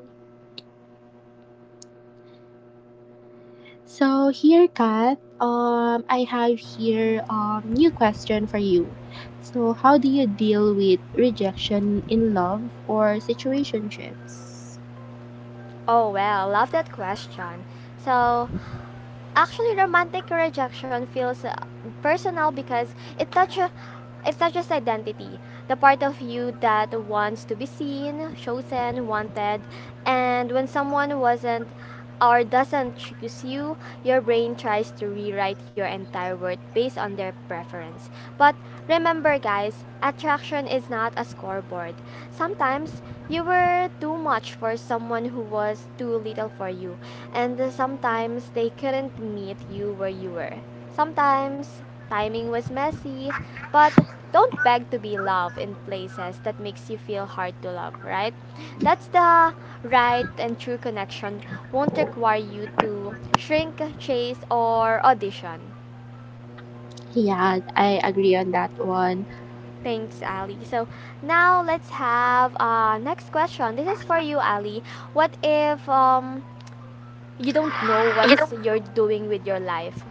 Speaker 2: So here, Kat, I have here new question for you. So how do you deal with rejection in love or situationships?
Speaker 1: Oh well, love that question. So actually romantic rejection feels personal because it touches it touches identity, the part of you that wants to be seen, chosen, wanted. And when someone wasn't or doesn't choose you, your brain tries to rewrite your entire world based on their preference. But remember, guys, attraction is not a scoreboard. Sometimes you were too much for someone who was too little for you, and sometimes they couldn't meet you where you were. Sometimes timing was messy, but don't beg to be loved in places that makes you feel hard to love, right? That's the right, and true connection won't require you to shrink, chase, or audition.
Speaker 2: Yeah, I agree on that one.
Speaker 1: Thanks, Ali. So now let's have next question. This is for you, Ali. What if you don't know
Speaker 2: You
Speaker 1: what's you're doing with your life?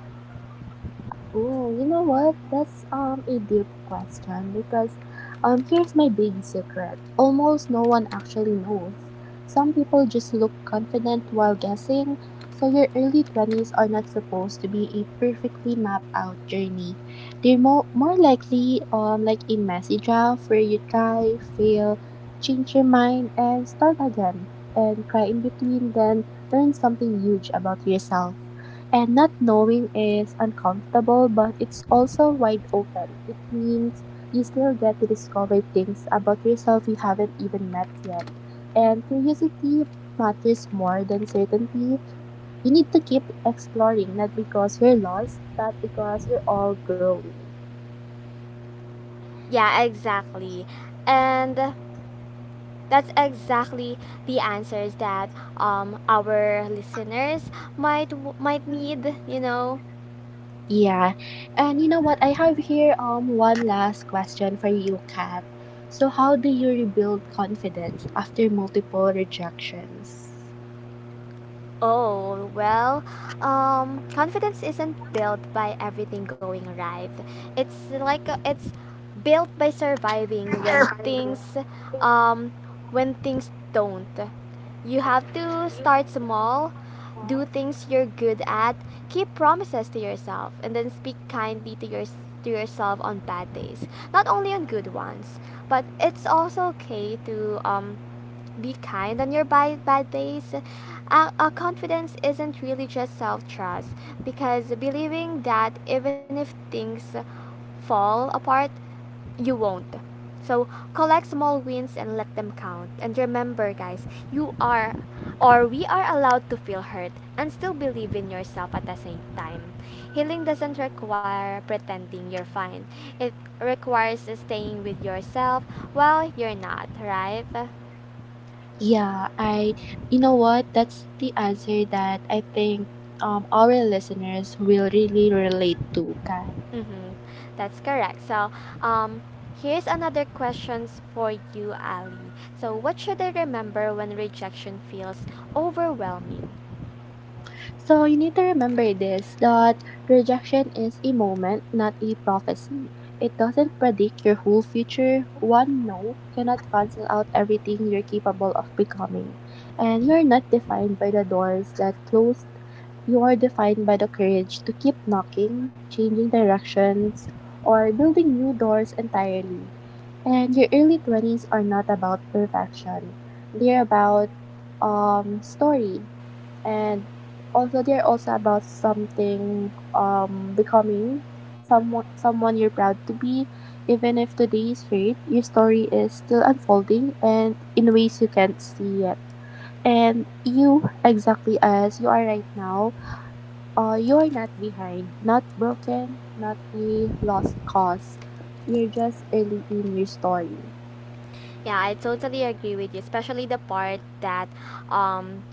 Speaker 2: Oh, you know what? That's a deep question because here's my big secret. Almost no one actually knows. Some people just look confident while guessing, so your early 20s are not supposed to be a perfectly mapped out journey. They're more likely like a messy draft where you try, fail, change your mind and start again and cry in between then learn something huge about yourself. And not knowing is uncomfortable, but it's also wide open. It means you still get to discover things about yourself you haven't even met yet. And curiosity matters more than certainty. You need to keep exploring, not because you're lost, but because you're all growing.
Speaker 1: Yeah, exactly. And that's exactly the answers that our listeners might need, you know.
Speaker 2: Yeah. And you know what? I have here one last question for you, Kat. So how do you rebuild confidence after multiple rejections?
Speaker 1: Oh, well, confidence isn't built by everything going right. It's like it's built by surviving um when things don't. You have to start small, do things you're good at, keep promises to yourself, and then speak kindly to your to yourself on bad days. Not only on good ones, but it's also okay to be kind on your bad, bad days. Confidence isn't really just self trust, because believing that even if things fall apart, you won't. So collect small wins and let them count. And remember, guys, you are or we are allowed to feel hurt and still believe in yourself at the same time. Healing doesn't require pretending you're fine, it requires staying with yourself while you're not, right?
Speaker 2: Yeah, I, you know what? That's the answer that I think our listeners will really relate to, Kat.
Speaker 1: Mm-hmm. That's correct. So, um, here's another questions for you, Ali. So, what should I remember when rejection feels overwhelming?
Speaker 2: So you need to remember this that rejection is a moment, not a prophecy. It doesn't predict your whole future. One no cannot cancel out everything you're capable of becoming. And you're not defined by the doors that closed. You are defined by the courage to keep knocking, changing directions, or building new doors entirely. And your early 20s are not about perfection. They're about story and also, they're also about becoming someone you're proud to be. Even if today is late, your story is still unfolding and in ways you can't see yet. And you, exactly as you are right now, you are not behind, not broken, not a lost cause. You're just early in your story.
Speaker 1: Yeah, I totally agree with you, especially the part that, um,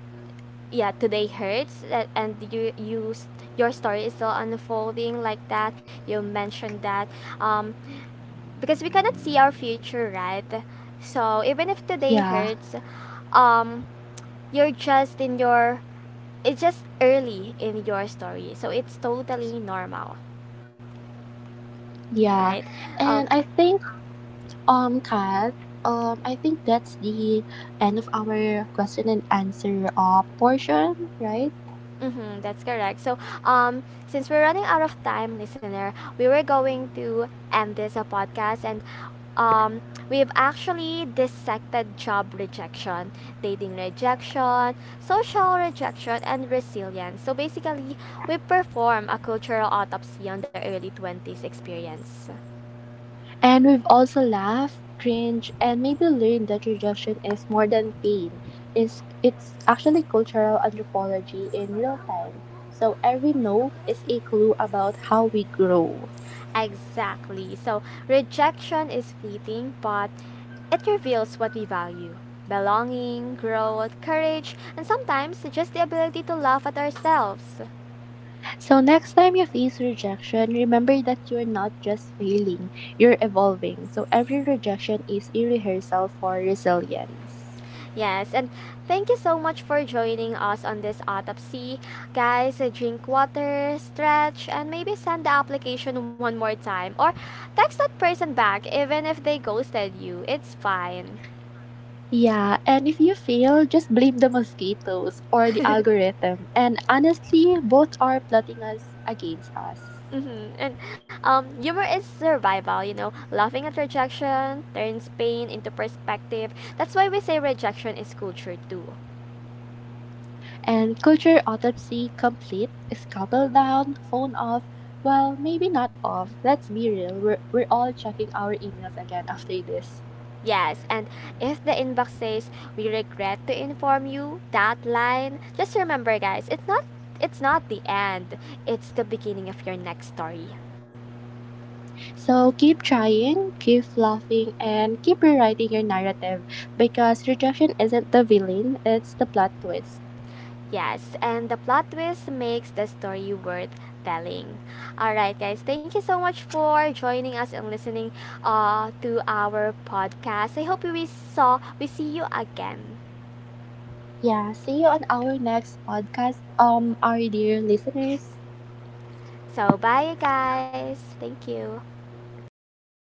Speaker 1: yeah, today hurts, and your story is still unfolding like that. You mentioned that, um, because we cannot see our future, right? So even if today
Speaker 2: Yeah,
Speaker 1: hurts, um, you're just in your it's just early in your story, so it's totally normal, right.
Speaker 2: yeah.
Speaker 1: Oh.
Speaker 2: And I think Kat, I think that's the end of our question and answer portion, right?
Speaker 1: Mhm, that's correct. So since we're running out of time, listener, we were going to end this a podcast. And um we've actually dissected job rejection, dating rejection, social rejection, and resilience. So basically we perform a cultural autopsy on the early 20s experience.
Speaker 2: And we've also laughed, cringed, and maybe learned that rejection is more than pain. It's actually cultural anthropology in real time. So every no is a clue about how we grow.
Speaker 1: Exactly. So rejection is fleeting, but it reveals what we value: belonging, growth, courage, and sometimes just the ability to laugh at ourselves.
Speaker 2: So, next time you face rejection, remember that you're not just failing, you're evolving. So, every rejection is a rehearsal for resilience.
Speaker 1: Yes, and thank you so much for joining us on this autopsy. Guys, drink water, stretch, and maybe send the application one more time or text that person back even if they ghosted you. It's fine.
Speaker 2: Yeah, and if you fail, just blame the mosquitoes or the
Speaker 1: *laughs*
Speaker 2: algorithm. And honestly, both are plotting us against us.
Speaker 1: Mm-hmm. And humor is survival, you know. Laughing at rejection turns pain into perspective. That's why we say rejection is culture too.
Speaker 2: And culture autopsy complete, scalpel down, phone off. Well, maybe not off. Let's be real. We're all checking our emails again after this.
Speaker 1: Yes, and if the inbox says we regret to inform you that line, just remember, guys, it's not the end. It's the beginning of your next story.
Speaker 2: So keep trying, keep laughing, and keep rewriting your narrative because rejection isn't the villain, it's the plot twist.
Speaker 1: Yes, and the plot twist makes the story worth telling. All right, guys, thank you so much for joining us and listening to our podcast. I hope we see you again.
Speaker 2: Yeah, see you on our next podcast, our dear listeners.
Speaker 1: So bye, guys. Thank you. Bye.